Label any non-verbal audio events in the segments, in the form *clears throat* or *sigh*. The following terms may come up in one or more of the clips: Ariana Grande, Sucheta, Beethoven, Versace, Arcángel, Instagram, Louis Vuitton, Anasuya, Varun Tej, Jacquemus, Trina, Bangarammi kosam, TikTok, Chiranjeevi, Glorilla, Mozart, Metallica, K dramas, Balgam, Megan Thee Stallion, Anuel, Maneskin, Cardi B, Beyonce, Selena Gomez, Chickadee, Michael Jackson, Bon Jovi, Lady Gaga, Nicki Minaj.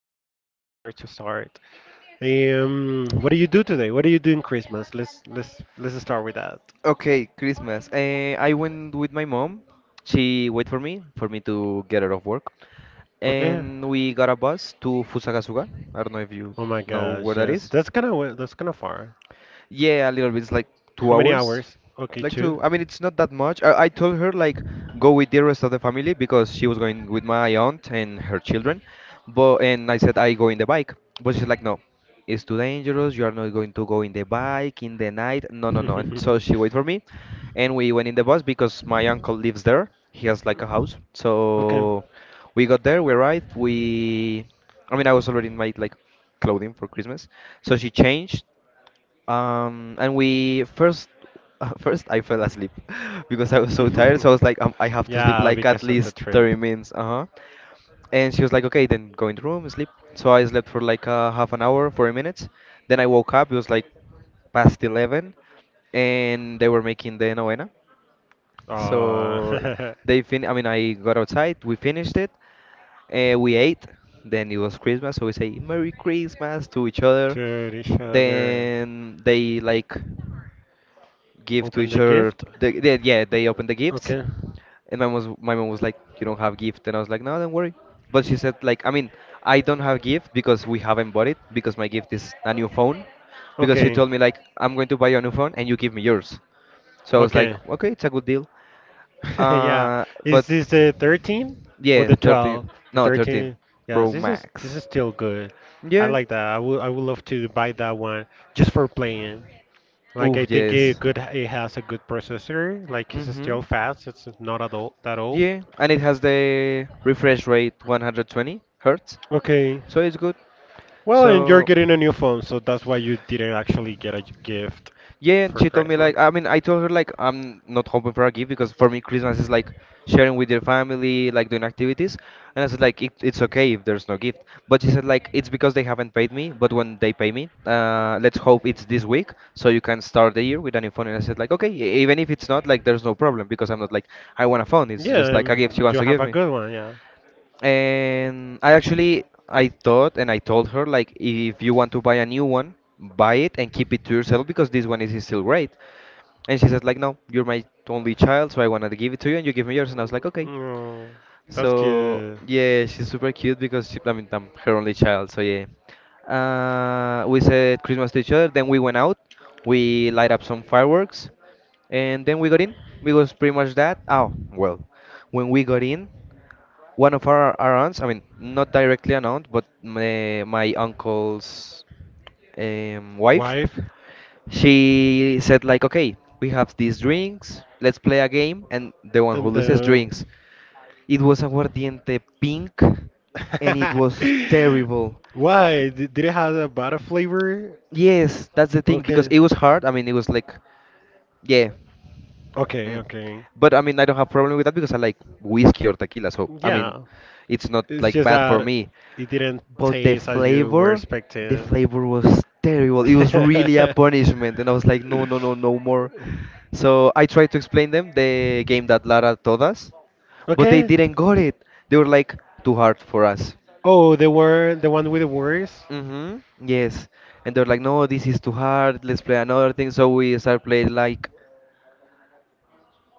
that's a good grammar to start. What do you do today? What do you do in Christmas? Let's start with that. Okay, Christmas. I went with my mom. She wait for me to get out of work, Okay. and we got a bus to Fusagasuga. I don't know if you Oh my know where gosh, that yes. is. That's kind of far. Yeah, a little bit. It's like How two many hours hours? Okay, like two. to. I mean, it's not that much. I told her like *laughs* go with the rest of the family because she was going with my aunt and her children, but and I said I go in the bike, but she's like no, it's too dangerous. You are not going to go in the bike in the night. No, no, no. And so she waited for *laughs* me, and we went in the bus because my uncle lives there. He has like a house, so we got there. We arrived. We, I mean, I was already in my like clothing for Christmas, so she changed and we first, *laughs* first I fell asleep *laughs* because I was so tired. So I *laughs* was like, I have to sleep yeah, like at that least 30 minutes. Uh-huh. And she was like, okay, then go in the room, sleep. So I slept for like half an hour, 40 minutes. Then I woke up. It was like past 11, and they were making the novena. So Uh, *laughs* they fin. I mean, I got outside. We finished it. We ate. Then it was Christmas, so we say Merry Christmas to each other. to each other. Then they like give to Open each the other. gift. Yeah, they open the gifts. Okay. And my mom was like, "You don't have gift," and I was like, "No, don't worry." But she said like, "I mean, I don't have gift because we haven't bought it because my gift is a new phone." Because she Okay. told me like, "I'm going to buy you a new phone and you give me yours." So I was like, Okay. "Okay, it's a good deal." *laughs* Yeah. Uh, Is but this the 13 or yeah, the 13. 12? The No, 13 13. Yes, Pro this is this Max. is still good. I Yeah. like that. I would love to buy that one just for playing. Like Oof, I think it yes. good it has a good processor. Like it's Mhm. still fast. It's not at all that old. Yeah, and it has the refresh rate 120 hertz, Okay. so it's good. Well, and you're So getting a new phone, so that's why you didn't actually get a gift yeah, and for she told me Christmas. like I told her like I'm not hoping for a gift because for me Christmas is like sharing with your family, like doing activities. And I said like it's okay if there's no gift. But she said like it's because they haven't paid me, but when they pay me, let's hope it's this week so you can start the year with a new phone. And I said like okay, e- even if it's not like there's no problem because I'm not like I want a phone. It's Yeah, just like a gift she and wants you to have give a me. good one, yeah. And I thought and I told her like if you want to buy a new one, buy it and keep it to yourself because this one is still great. And she says, like, no, you're my only child, so I wanted to give it to you, and you give me yours. And I was like, okay. Mm, that's So good. yeah, she's super cute because she, I mean, I'm her only child. So yeah, we said Christmas to each other. Then we went out, we light up some fireworks, and then we got in. It was pretty much that. Oh well, when we got in, one of our aunts, I mean, not directly an aunt, but my uncle's wife, Wife? she said like okay we have these drinks, let's play a game and the one who And loses then, drinks. It was aguardiente pink and it was terrible. *laughs* Did it have a butter flavor? Yes, that's the thing because it Okay. was hard. I mean, it was like yeah. Okay. Mm. Okay. But I mean, I don't have problem with that because I like whiskey or tequila, so I mean Yeah. it's not It's like just bad for that me, it didn't but the taste as you were flavor, the expecting. flavor was terrible. It was *laughs* really a punishment and I was like no, no, no, no more. So I tried to explain them the game that Lara taught us, but they Okay. didn't got it. They were like, too hard for us. Oh, the word, the one with the words. Mm-hmm. Yes. And they're like, no, this is too hard. Let's play another thing. So we start playing like,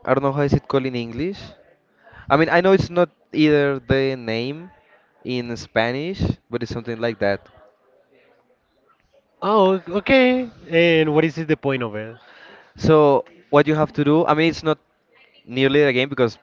I don't know how is it called in English. I mean, I know it's not either the name in Spanish, but it's something like that. Oh, okay. And what is it, the point of it? So what you have to do, I mean, it's not nearly the game because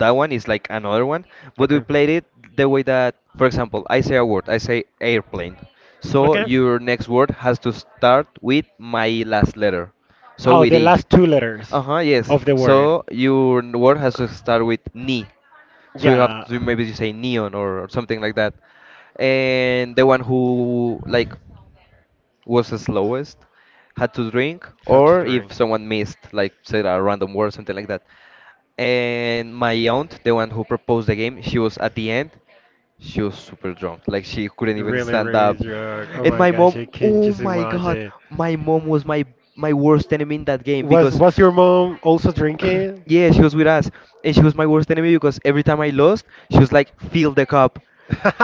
that one is like another one, but we Okay. played it the way that, for example, I say a word, I say airplane. So Okay. your next word has to start with my last letter. So Oh, with the E. last two letters Uh-huh, yes. of the word. So your n- word has to start with ni. So you have Yeah. to maybe you say neon, or something like that. And the one who like was the slowest had to drink, How to or if drink. someone missed like say a random word, something like that. And my aunt, the one who proposed the game, she was at the end. She was super drunk, like she couldn't even Really, stand really up. drunk. Oh And my my gosh, mom, I can oh just my god, imagine. my mom was my my worst enemy in that game because Was your mom also drinking? yeah, she was with us, and she was my worst enemy because every time I lost, she was like, "Fill the cup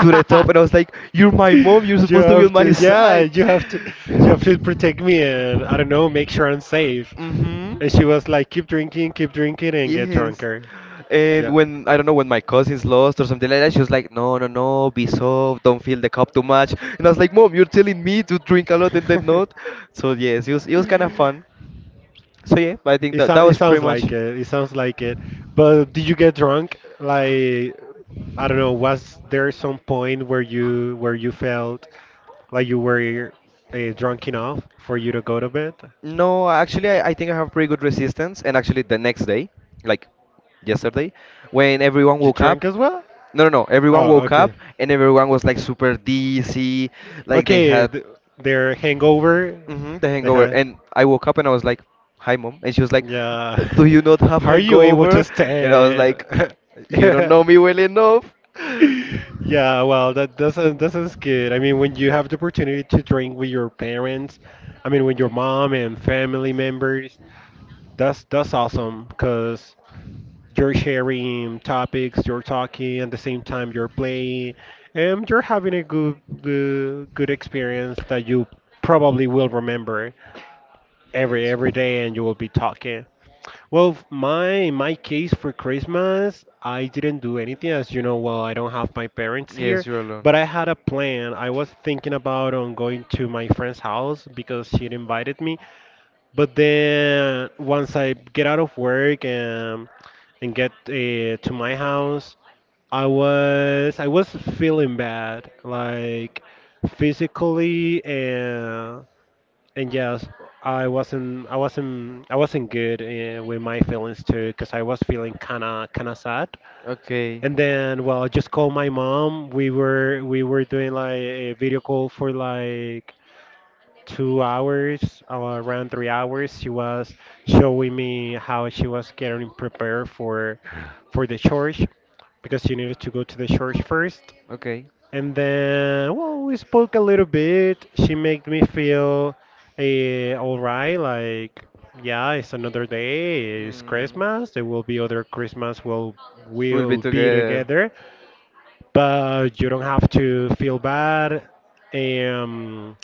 to the top," and I was like, "You're my mom. You're You supposed to be on have my to, yeah, side." you have to protect me and I don't know, make sure I'm safe. Mm-hmm. And she was like, keep drinking, and get Yes. drunker. And Yeah. when I don't know, when my cousins lost or something like that, she was like, "No, no, no, be soft. Don't fill the cup too much." And I was like, "Mom, you're telling me to drink a lot and then not." So yes, it was kind of fun. *laughs* So yeah, I think It that that sounds it was pretty sounds much. like it. It sounds like it. But did you get drunk? Like I don't know. Was there some point where you felt like you were drunk enough for you to go to bed? No, actually, I think I have pretty good resistance. And actually, the next day, like yesterday, when everyone You woke drank up, as well? no, no, no, everyone Oh, woke up okay. and everyone was like super dizzy, like they Okay, had th Their hangover. mhm, the They hangover. had. And I woke up and I was like, "Hi, mom," and she was like, "Do Yeah. you not *laughs* have How are you able to hangover?" And I was stand? like, "You don't *laughs* know me well enough." Yeah, well, that sounds good. I mean, when you have the opportunity to drink with your parents, I mean, with your mom and family members, that's awesome because you're sharing topics, you're talking at the same time you're playing, and you're having a good experience that you probably will remember every Yes. every day, and you will be talking. Well, my case for Christmas, I didn't do anything, as you know. Well, I don't have my parents Yes, here, you're alone. but I had a plan. I was thinking about on going to my friend's house because she invited me. But then once I get out of work and get to my house, I was feeling bad, like physically and yes, I wasn't good with my feelings too, because I was feeling kinda sad. Okay, And then, well, I just called my mom. We were doing like a video call for like 2 hours, around 3 hours. She was showing me how she was getting prepared for the church, because she needed to go to the church first. okay. And then, well, we spoke a little bit. She made me feel all right, like, yeah, it's another day, it's Hmm. Christmas. There will be other Christmas. We'll We'll be we'll be together. together, but you don't have to feel bad. Um,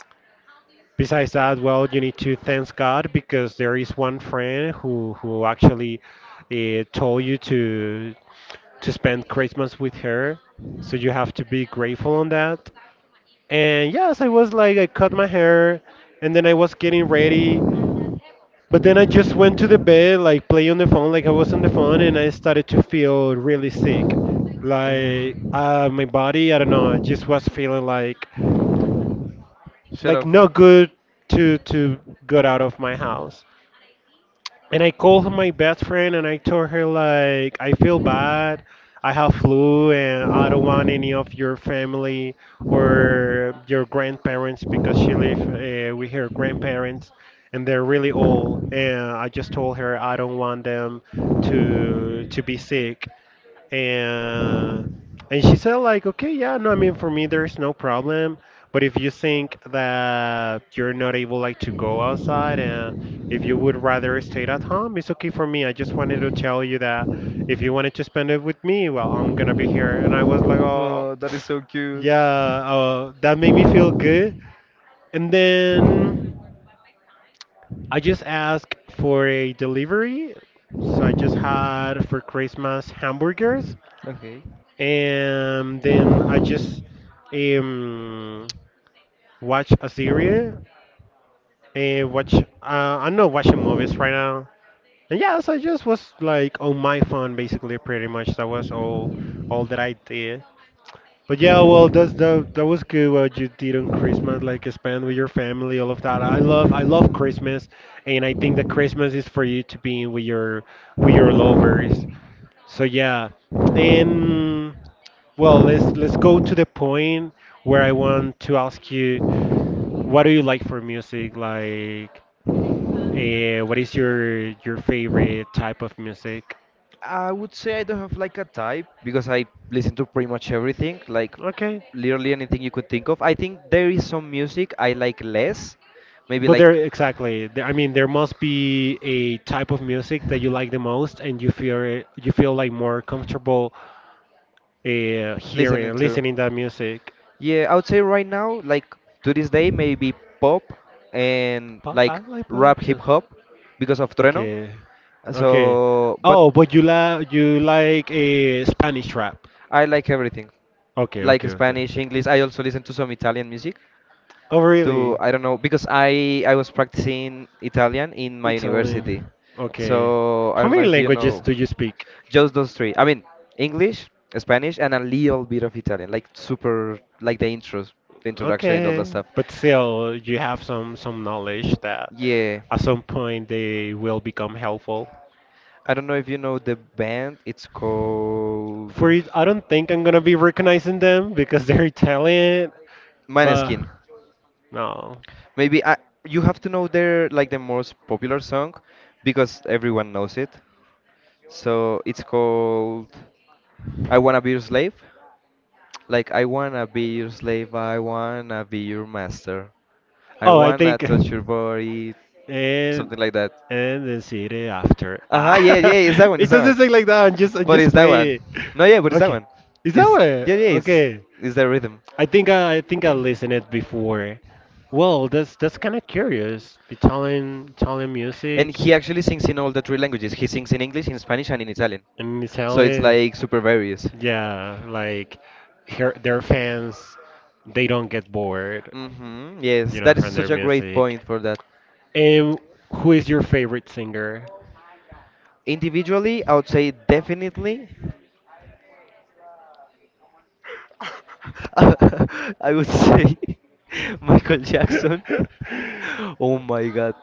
Besides that, well, you need to thank God because there is one friend who actually told you to spend Christmas with her. So you have to be grateful on that. And yes, I was like, I cut my hair and then I was getting ready. But then I just went to the bed, like play on the phone, like I was on the phone, and I Oh. started to feel really sick. Like my body, I don't know, I just was feeling Shut like up. not good to get out of my house. And I called my best friend and I told her like I feel bad. I have flu and I don't want any of your family or your grandparents because she live with her grandparents and they're really old and I just told her I don't want them to be sick and and she said like, okay, yeah, no, I mean for me there's no problem, but if you think that you're not able like to go outside and if you would rather stay at home, it's okay for me. I just wanted to tell you that if you wanted to spend it with me, well, I'm gonna be here. And I was like, oh. Oh, that is so *sniffs* cute. Yeah, that made me feel good. And then I just asked for a delivery, so I just had for Christmas hamburgers. Okay. And then I just um watch a series and watch I'm not watching movies right now. And yeah, so I just was like on my phone basically pretty much. That was all that I did. But yeah, well that was good what you did on Christmas, like spend with your family, all of that. I love Christmas and I think that Christmas is for you to be with your lovers, so yeah, and well, let's go to the point where I want to ask you, what do you like for music? Like, what is your favorite type of music? I would say I don't have like a type because I listen to pretty much everything, like Okay, literally anything you could think of. I think there is some music I like less, maybe but there like exactly. There, I mean, there must be a type of music that you like the most, and you feel like more comfortable listening hearing to. listening that music. Yeah, I would say right now, like to this day, maybe pop and Pop, I like like rap pop hip too. hop because of Trueno. Okay. Okay. So, but Oh, but you like a Spanish rap. I like everything, Okay, like okay, okay. Spanish, English. I also listen to some Italian music. Oh, To really? I don't know because I was practicing Italian in my university. Italian. Okay. So I How don't know many if you languages know do you speak? just those three. I mean, English, Spanish, and a little bit of Italian, like super, like the intros, the introduction, and all that Okay, stuff. but still, you have some knowledge that Yeah. at some point they will become helpful. I don't know if you know the band. It's called For it, I don't think I'm gonna be recognizing them because they're Italian, but Maneskin. no. Maybe I, you have to know their like the most popular song because everyone knows it. So it's called "I Wanna Be Your Slave". Like I wanna be your slave, I wanna be your master. I Oh, I wanna think. touch your body, and something like that. and then see it after. Uh huh. Ah, Yeah, *laughs* yeah. It's that one. it It's that doesn't one. say like that. I'm But just it's that one. playing. No, yeah. But it's that Okay, one. is that It's what? yeah, yeah. It's Okay, it's the rhythm. I think I listened it before. Well, that's kind of curious. Italian And music he actually sings in all the three languages. He sings in English, in Spanish, and in Italian. in So it's Italy. like super various. Yeah, like her, their fans, they don't get bored, Mm-hmm. Yes, you know, that is from such their a great music. point for that. And who is your favorite singer? Individually, I would say definitely *laughs* I would say *laughs* Michael Jackson. *laughs* *laughs* Oh my god.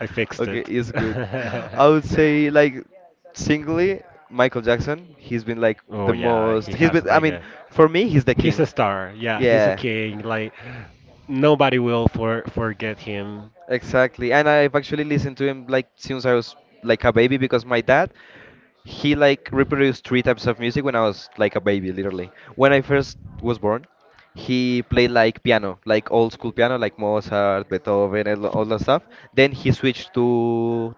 I fixed Okay, it. it's good. *laughs* I would say like singly, Michael Jackson. He's been like Oh the yeah, most. he He's has been. I like mean, a for me, he's the he's king. a star. Yeah, he's a Yeah, king. Like nobody will forget him. exactly. And I've actually listened to him like since I was like a baby because my dad, he like reproduced three types of music when I was like a baby, literally. When I first was born, he played like piano, like old school piano, like Mozart, Beethoven, and all that stuff. Then he switched to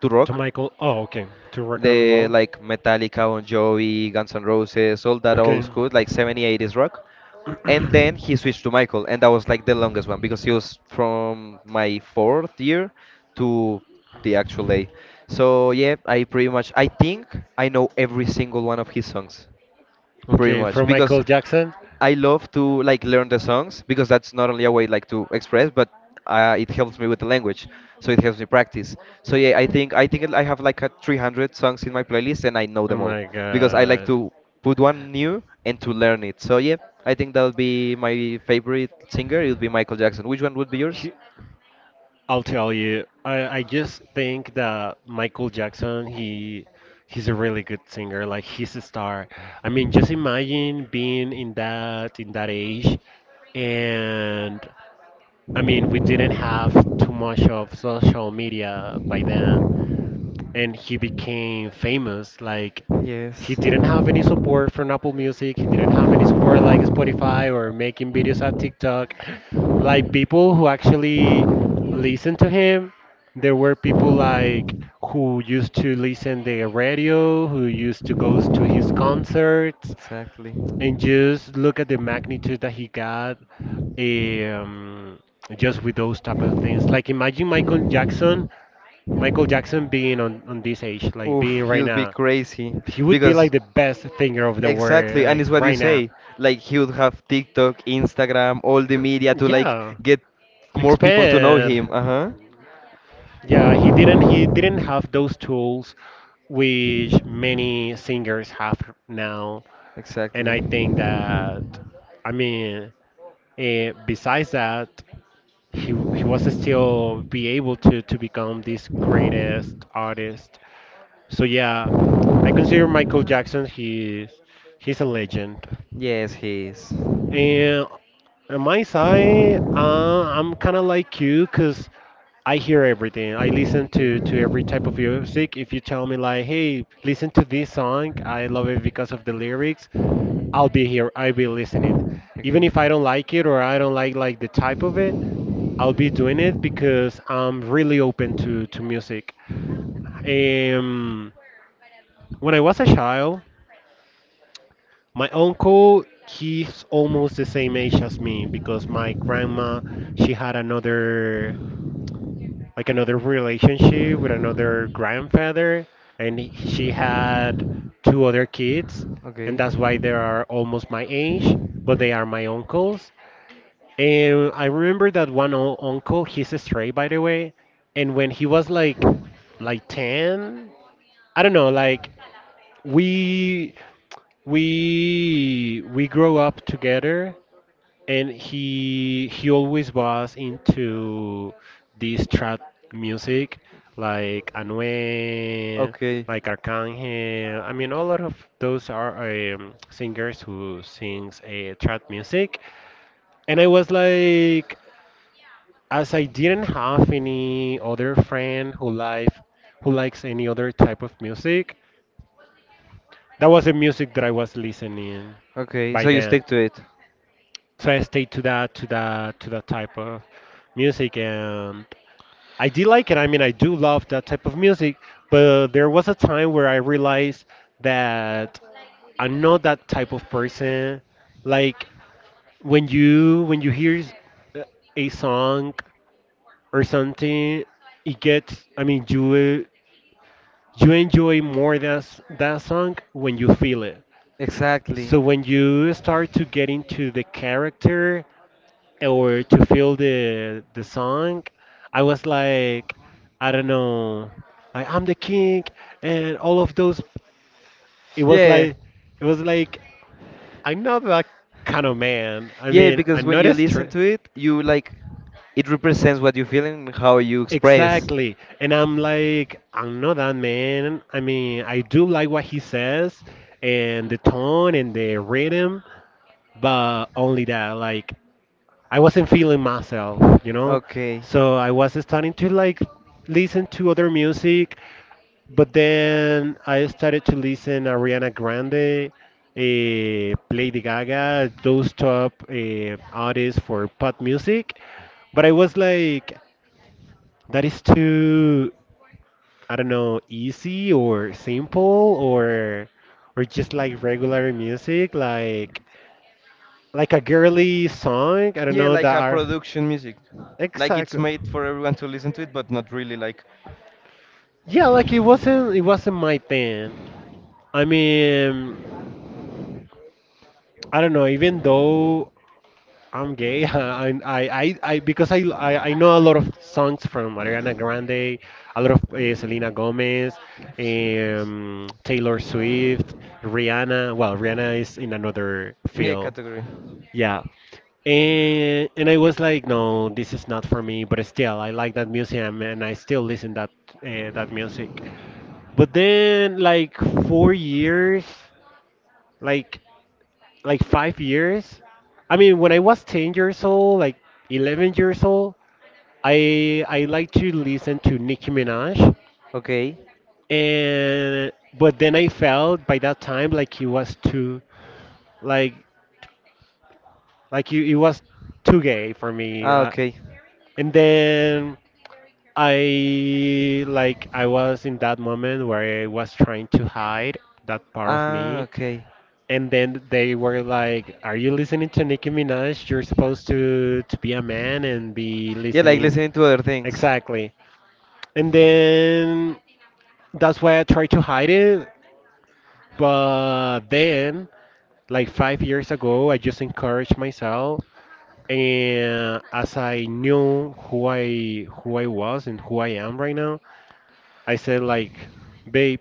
to To rock, Michael. Oh, okay. To rock and the roll. like Metallica, Bon Jovi, Guns N' Roses, all that old Okay. school, like 70s, 80s rock. And then he switched to Michael, and that was like the longest one because he was from my fourth year to the actual day. So yeah, I pretty much I think I know every single one of his songs *clears throat* pretty Okay, much from because Michael Jackson. I love to like learn the songs because that's not only a way like to express, but it helps me with the language, so it helps me practice. So yeah, I think I have like a 300 songs in my playlist, and I know Oh them all my because I like god. to put one new and to learn it. So yeah, I think that would be my favorite singer. It would be Michael Jackson. Which one would be yours? He- I'll tell you, I just think that Michael Jackson, he's a really good singer. Like he's a star. I mean, just imagine being in that age, and I mean, we didn't have too much of social media by then and he became famous. Like he Yes. didn't have any support from Apple Music. He didn't have any support like Spotify or making videos at TikTok. Like people who actually listened to him, there were people like who used to listen the radio, who used to go to his concerts, Exactly. and just look at the magnitude that he got um, just with those type of things. Like imagine Michael Jackson being on this age, like being Oof, he right would be now, crazy he would be like because the best singer of the world, exactly, and like it's what you right now. say. Like he would have TikTok, Instagram, all the media to like Yeah, get more people to know expand. him. Uh huh. Yeah, he didn't have those tools which many singers have now, and Exactly. I think that I mean, besides that, he was still be able to become this greatest artist. So yeah, I consider Michael Jackson. He's a legend. Yes, he is. And on my side, I'm kind of like you, cause I hear everything. I listen Okay. to every type of music. If you tell me like, hey, listen to this song, I love it because of the lyrics. I'll be here. I'll be listening it, even Okay. if I don't like it or I don't like the type of it, I'll be doing it because I'm really open to music. Um, when I was a child. My uncle, he's almost the same age as me because my grandma, she had another like another relationship with another grandfather and she had two other kids and Okay. that's why they are almost my age, but they are my uncles. And I remember that one uncle, he's a stray, by the way, and when he was like 10, I don't know, like we we grow up together and he always was into this trap music like Anuel, Okay. like Arcángel. I mean, a lot of those are singers who sings a trap music. And I was like, as I didn't have any other friend who likes any other type of music, that was the music that I was listening Okay. by So you then. stick to it. So I stayed to that type of music, and I did like it. I mean, I do love that type of music, but there was a time where I realized that I'm not that type of person. Like when you hear uh, a song or something, it gets. I mean, you enjoy more that song when you feel it. Exactly. So when you start to get into the character or to feel the song, I was like, I don't know, like I'm the king and all of those. It was Yeah. like, it was like, I'm not that kind of man. I Yeah, mean, because I'm when not you a listen to it, you like it represents what you feel and how you express. Exactly. And I'm like, I'm not that man. I mean, I do like what he says and the tone and the rhythm, but only that. Like, I wasn't feeling myself, you know? Okay. So I was starting to like listen to other music, but then I started to listen Ariana Grande, Lady Gaga, those top artists for pop music. But I was like, that is too, I don't know, easy or simple or or just like regular music, like a girly song. I don't Yeah, know like that a are. production music. Like it's Exactly. made for everyone to listen to it, but not really like Yeah, like it wasn't my thing. I mean, I don't know. Even though I'm gay, *laughs* I because I know a lot of songs from Ariana Grande, a lot of Selena Gomez, Taylor Swift, Rihanna. Well, Rihanna is in another yeah field. category. Yeah. And I was like, no, this is not for me. But still, I like that music, and I still listen that music. But then like 4 years, like like 5 years. I mean, when I was 10 years old, like 11 years old, I like to listen to Nicki Minaj, Okay. and but then I felt by that time like he was too like like it was too gay for me. Ah, okay. And then I like I was in that moment where I was trying to hide that part of Ah, me. okay. And then they were like, "Are you listening to Nicki Minaj? You're supposed to be a man and be Yeah, like listening." listening to other things. Exactly. And then that's why I tried to hide it. But then, like 5 years ago, I just encouraged myself, and as I knew who I was and who I am right now, I said like, babe,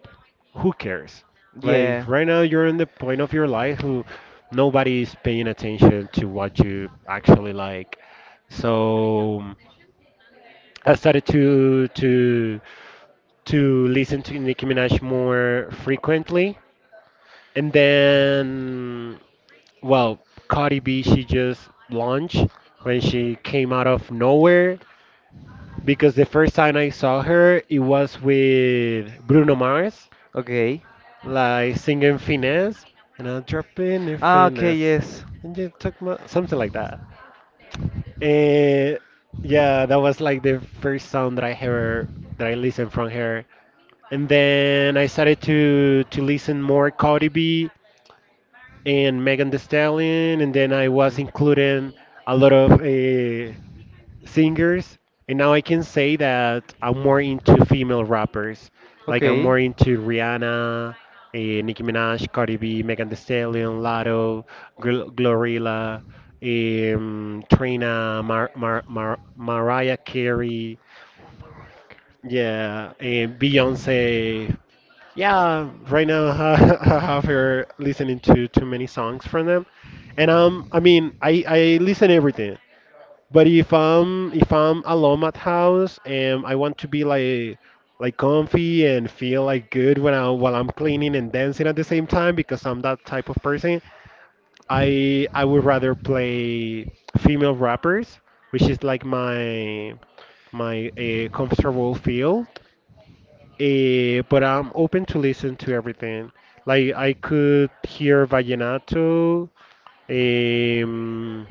who cares? Like Yeah. right now you're in the point of your life who nobody is paying attention to what you actually like. So I started to listen to Nicki Minaj more frequently. And then, well, Cardi B, she just launched when she came out of nowhere because the first time I saw her, it was with Bruno Mars, Okay. like singing Finesse. And I'll drop in your Ah, okay, finesse yes. and you took my something like that. And yeah, that was like the first song that I heard, that I listened from her. And then I started to listen more Cardi B and Megan Thee Stallion, and then I Okay. was including a lot of singers, and now I can say that I'm more into female rappers. Like I'm Okay. more into Rihanna, Nicki Minaj, Cardi B, Megan Thee Stallion, Lotto, Glorilla, Trina, Mariah Carey, yeah, and Beyonce. Yeah, right now *laughs* I have her listening to too many songs from them, and I mean, I listen everything. But if I'm alone at house and I want to be like comfy and feel like good when I while I'm cleaning and dancing at the same time because I'm that type of person, I would rather play female rappers, which is like my comfortable field. But I'm open to listen to everything. Like I could hear vallenato, um,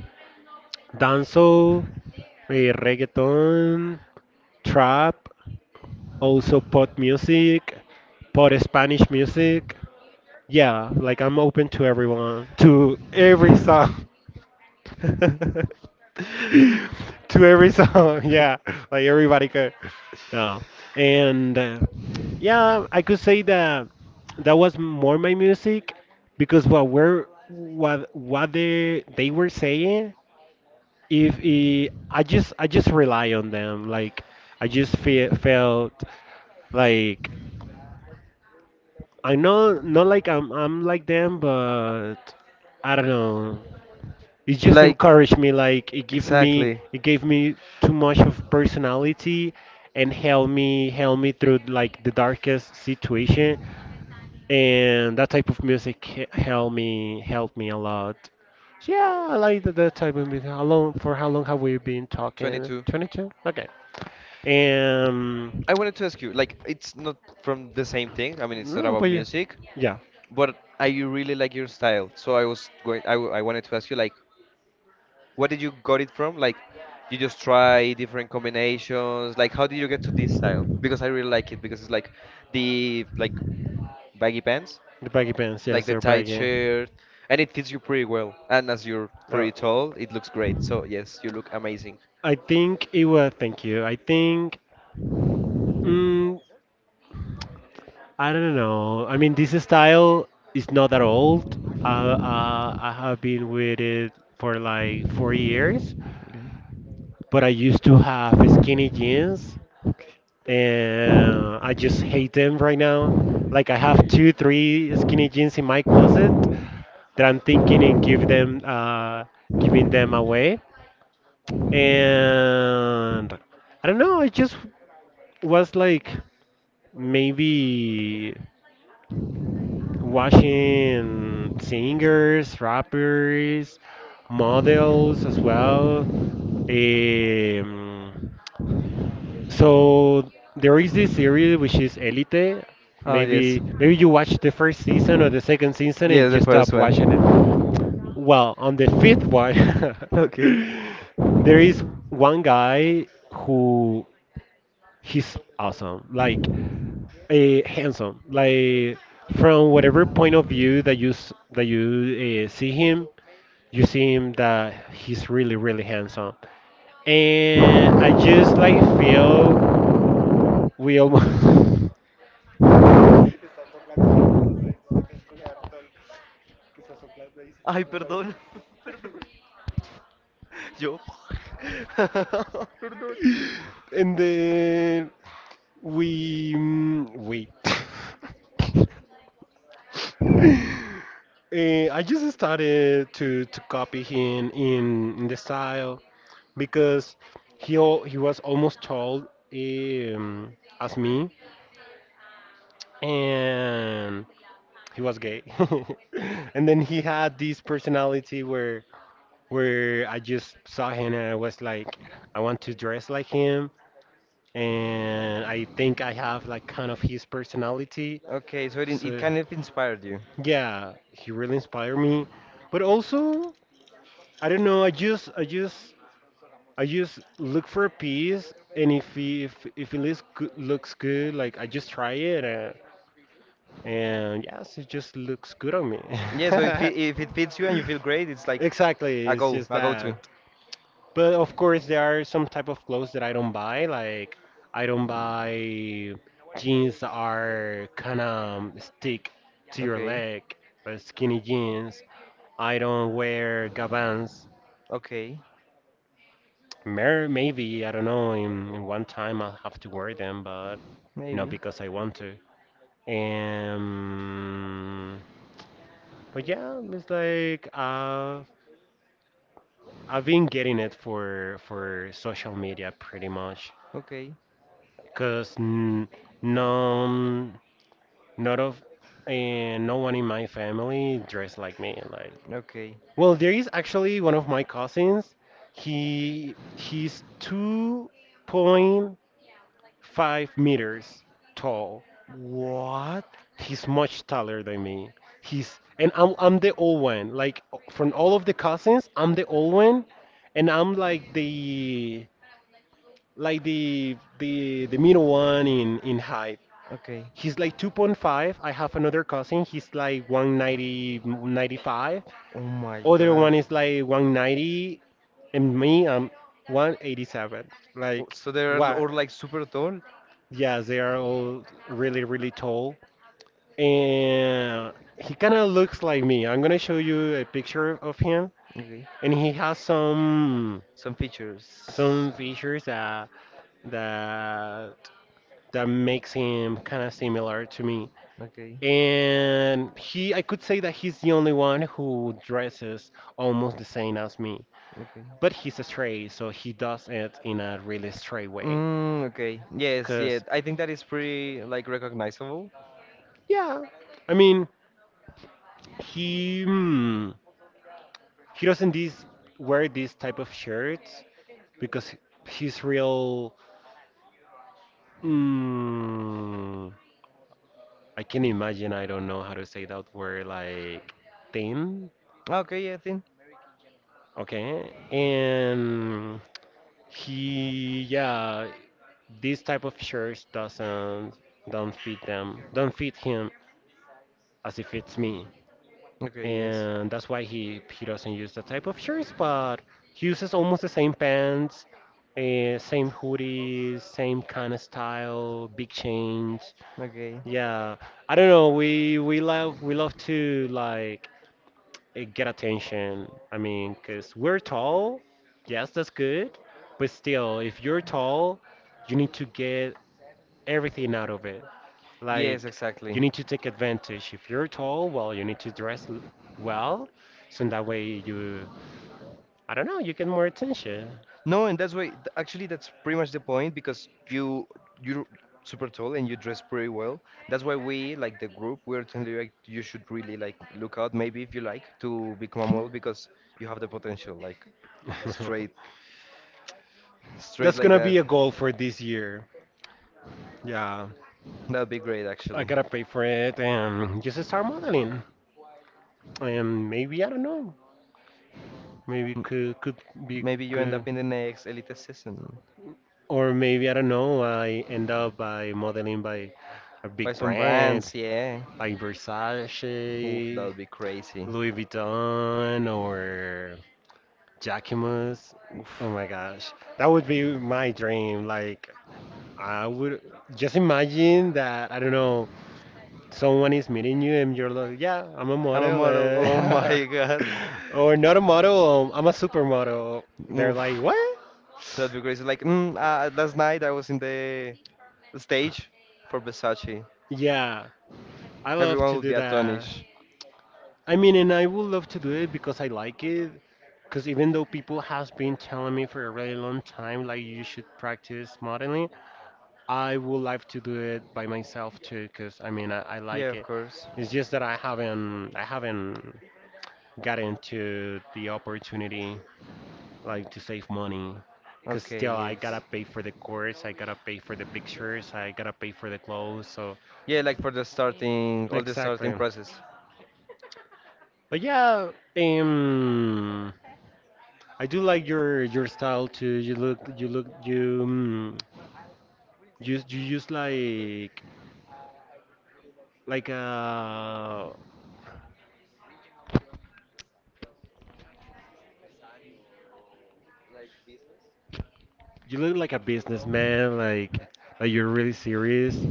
dancehall, reggaeton, trap, also pop music, pop Spanish music. Yeah, like I'm open to everyone, to every song, *laughs* *laughs* to every song. *laughs* Yeah, like everybody could. No, and yeah, I could say that that was more my music because what they were saying, if it, I just rely on them like I just fe felt like, I know, not like I'm like them, but I don't know. It just encouraged me. Like it gave me too much of personality, and helped me through like the darkest situation. And that type of music helped me a lot. So yeah, I like that type of music. How long? For how long have we been talking? 22. 22. Okay. And I wanted to ask you, like, it's not from the same thing. I mean, it's not no, but about yeah, music. yeah. But I really like your style, so I was going. I wanted to ask you, like, what did you got it from? Like, you just try different combinations. Like, how did you get to this style? Because I really like it because it's like the baggy pants, The baggy pants, like yes, the they're tight baggy. shirt, and it fits you pretty well. And as you're Uh, pretty tall, it looks great. So yes, you look amazing. I think it was. Thank you. I think. Mm, I don't know. I mean, this style is not that old. Uh, I have been with it for like 4 years, Okay. but I used to have skinny jeans, and I just hate them right now. Like I have two, three skinny jeans in my closet, that I'm thinking in give them giving them away. And I don't know, I just was like maybe watching singers, rappers, models as well. Um, so there is this series which is Elite. Oh yes, Maybe you watch the first season or the second season yes, and the you first stop watching it. one. Well, on the fifth one, Okay. *laughs* there is one guy who he's awesome, like handsome, like from whatever point of view that you see him, you see him that he's really really handsome, and I just like feel we almost Ay, perdón. *laughs* Perdón. Yo. *laughs* Perdón. *laughs* and then we wait. *laughs* I just started to copy him in the style because he was almost tall as me, and he was gay. *laughs* And then he had this personality where I just saw him and I was like, I want to dress like him, and I think I have like kind of his personality. Okay, so it So kind of inspired you. yeah, he really inspired me. But also, I don't know, I just look for a piece, and if if it looks good, like I just try it, and yes, it just looks good on me. Yeah, so *laughs* if it fits you and you feel great, it's like Exactly, it's just a go to. that. But of course, there are some type of clothes that I don't buy. Like I don't buy jeans that are kind of stick to your Okay, leg, but skinny jeans. I don't wear gabans. okay, Maybe, I don't know, in one time I'll have to wear them, but not maybe. because I want to. Um, but yeah, it's like I've been getting it for social media pretty much, Okay, because n none, not of, and no one in my family dressed like me. Like, okay. well, there is actually one of my cousins. He's 2.5 meters tall. What? He's much taller than me. He's and I'm the old one. Like from all of the cousins, I'm the old one, and I'm like the middle one in height. Okay. He's like 2.5. I have another cousin. He's like 190 95. Oh my Other god. one is like 190, and me I'm 187. Oh, Like so they are what? all like super tall. Yes, they are all really really tall. And he kind of looks like me. I'm gonna show you a picture of him, Okay, and he has some some some features. features that that makes him kind of similar to me. Okay, And he, I could say that he's the only one who dresses almost the same as me, okay. but he's a stray, so he does it in a really stray way. Mm, okay. Yes, Cause yeah. I think that is pretty like recognizable. yeah, I mean he. mm, he doesn't this wear this type of shirts because he's real. Mm, I can imagine. I don't know how to say that word. Like thin. Ah, okay, yeah, I think. Okay. And he yeah, this type of shirts doesn't don't fit them. Don't fit him as it fits me. Okay, yes. And that's why he doesn't use that type of shirts, but he uses almost the same pants, same hoodies, same kind of style, big chains. Okay. Yeah, I don't know. We love to like get attention. I mean, cause we're tall. Yes, that's good, but still, if you're tall, you need to get everything out of it. Yes, Like, you exactly. need to take advantage. If you're tall, well, you need to dress well, so in that way you, I don't know, you get more attention. No, and that's why actually that's pretty much the point because you're super tall and you dress pretty well. That's why we like the group we're telling you like you should really like look out maybe if you like to become a model because you have the potential like straight *laughs* straight That's like gonna be that. a goal for this year. Yeah, That'd be great I actually. gotta pay for it and just start modeling. And maybe I don't know, maybe could be Maybe you end good, up in the next Elite season. or maybe I don't know. I end up by modeling by a big Buy some brand brands, yeah. like Oof, that Versace, would be crazy. Louis Vuitton, or Jacquemus. Oh Oof. my gosh. That would be my dream. Like I would just imagine that I don't know, someone is meeting you and you're like, yeah, I'm a I'm a model model. *laughs* Oh eh. my god. *laughs* Or not a model, I'm a supermodel. They're Oof. like, what? That'd be crazy. Like, last night I was in the stage for Versace. Yeah, I love Everyone to would do be that. astonished. I mean, and I would love to do it because I like it. Because even though people has been telling me for a really long time, like you should practice modeling, I would like to do it by myself too, because I mean I Yeah, like of it. course. It's just that I haven't gotten to the opportunity like to save money. Cause Okay, still I gotta yes. pay for the course, I gotta pay for the pictures, I gotta pay for the clothes. So Yeah, like for the starting, all the starting exactly. process. But yeah, um, I do like your style too. You look, you use like a. You look like a businessman, like you're really serious,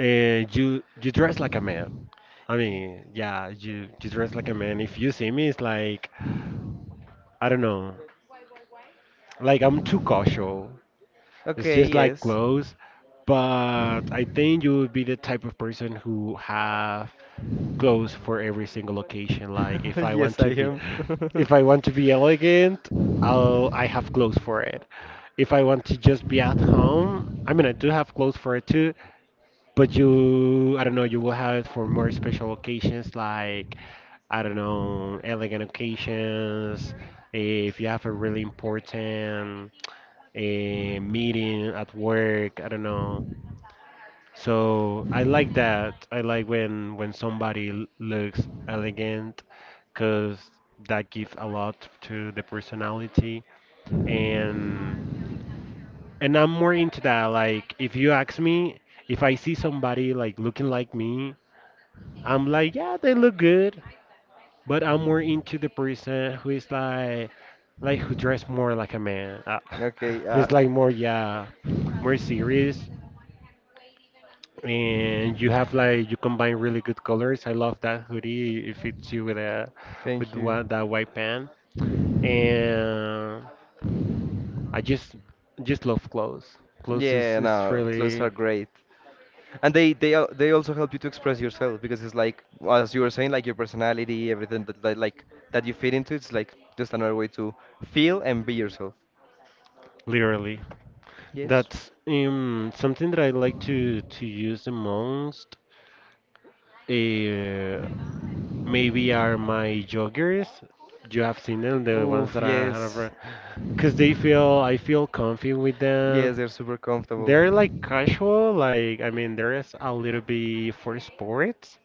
and you dress like a man. I mean, yeah, you dress like a man. If you see me, it's like I don't know, like I'm too cautious. It's Okay, just like yes. clothes, but I think you would be the type of person who have clothes for every single occasion. Like if *laughs* I want Yes, I to be, am. If I want to be elegant, I have clothes for it. If I want to just be at home, I mean, I do have clothes for it too. But you, I don't know, you will have it for more special occasions like, I don't know, elegant occasions. If you have a really important meeting at work, I don't know. So I like that. I like when somebody looks elegant, because that gives a lot to the personality. And and I'm more into that. Like if you ask me, if I see somebody like looking like me, I'm like, yeah, they look good, but I'm more into the person who is like who dress more like a man, *laughs* *laughs* Okay, who is uh. like more, yeah, more serious. And you have like you combine really good colors. I love that hoodie. It fits you with a with Thank you. one, that white pant. And I just love clothes. Clothes Yeah, is no, clothes really are great. And they also help you to express yourself because it's like as you were saying, like your personality, everything that, that you fit into, it's like just another way to feel and be yourself. literally Yes. that's something that I like to use the most. Uh, Maybe are my joggers. You have seen them, the ones Oof, that I yes. have, because they feel I feel comfy with them. Yes, they're super comfortable. They're like casual, like I mean, there is a little bit for sports,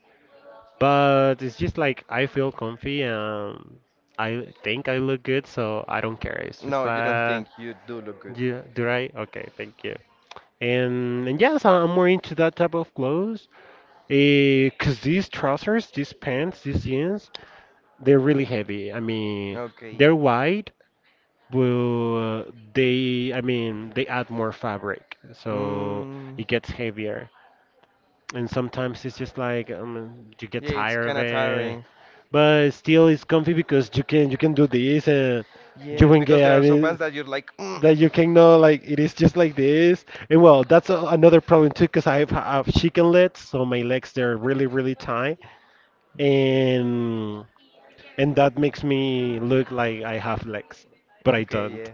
but it's just like I feel comfy and I think I look good, so I don't care. It's just No, you don't like, think you do look good. yeah, do I? Okay, thank you. And yes, I'm more into that type of clothes. 'Cause these trousers, these pants, these jeans, they're really heavy. I mean, Okay. they're wide, but they, I mean, they add more fabric, so Mm, it gets heavier. And sometimes it's just like you get yeah, it's tired kind of of it, tiring. but still it's comfy because you can do this and you Yes, can because get. there are I some pants mean, that you're like, "Mm." that you can know like it is just like this. And well, that's another problem too, because I have chicken legs, so my legs they're really really tight Okay, and. And that makes me look like I have legs, but I okay, don't. yeah,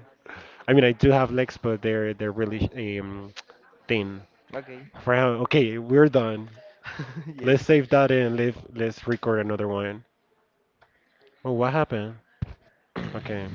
I mean, I do have legs, but they're really um, thin. okay, Fran, okay, we're done. *laughs* Let's yes. We- save that and let's record another one. Oh, what happened? Okay.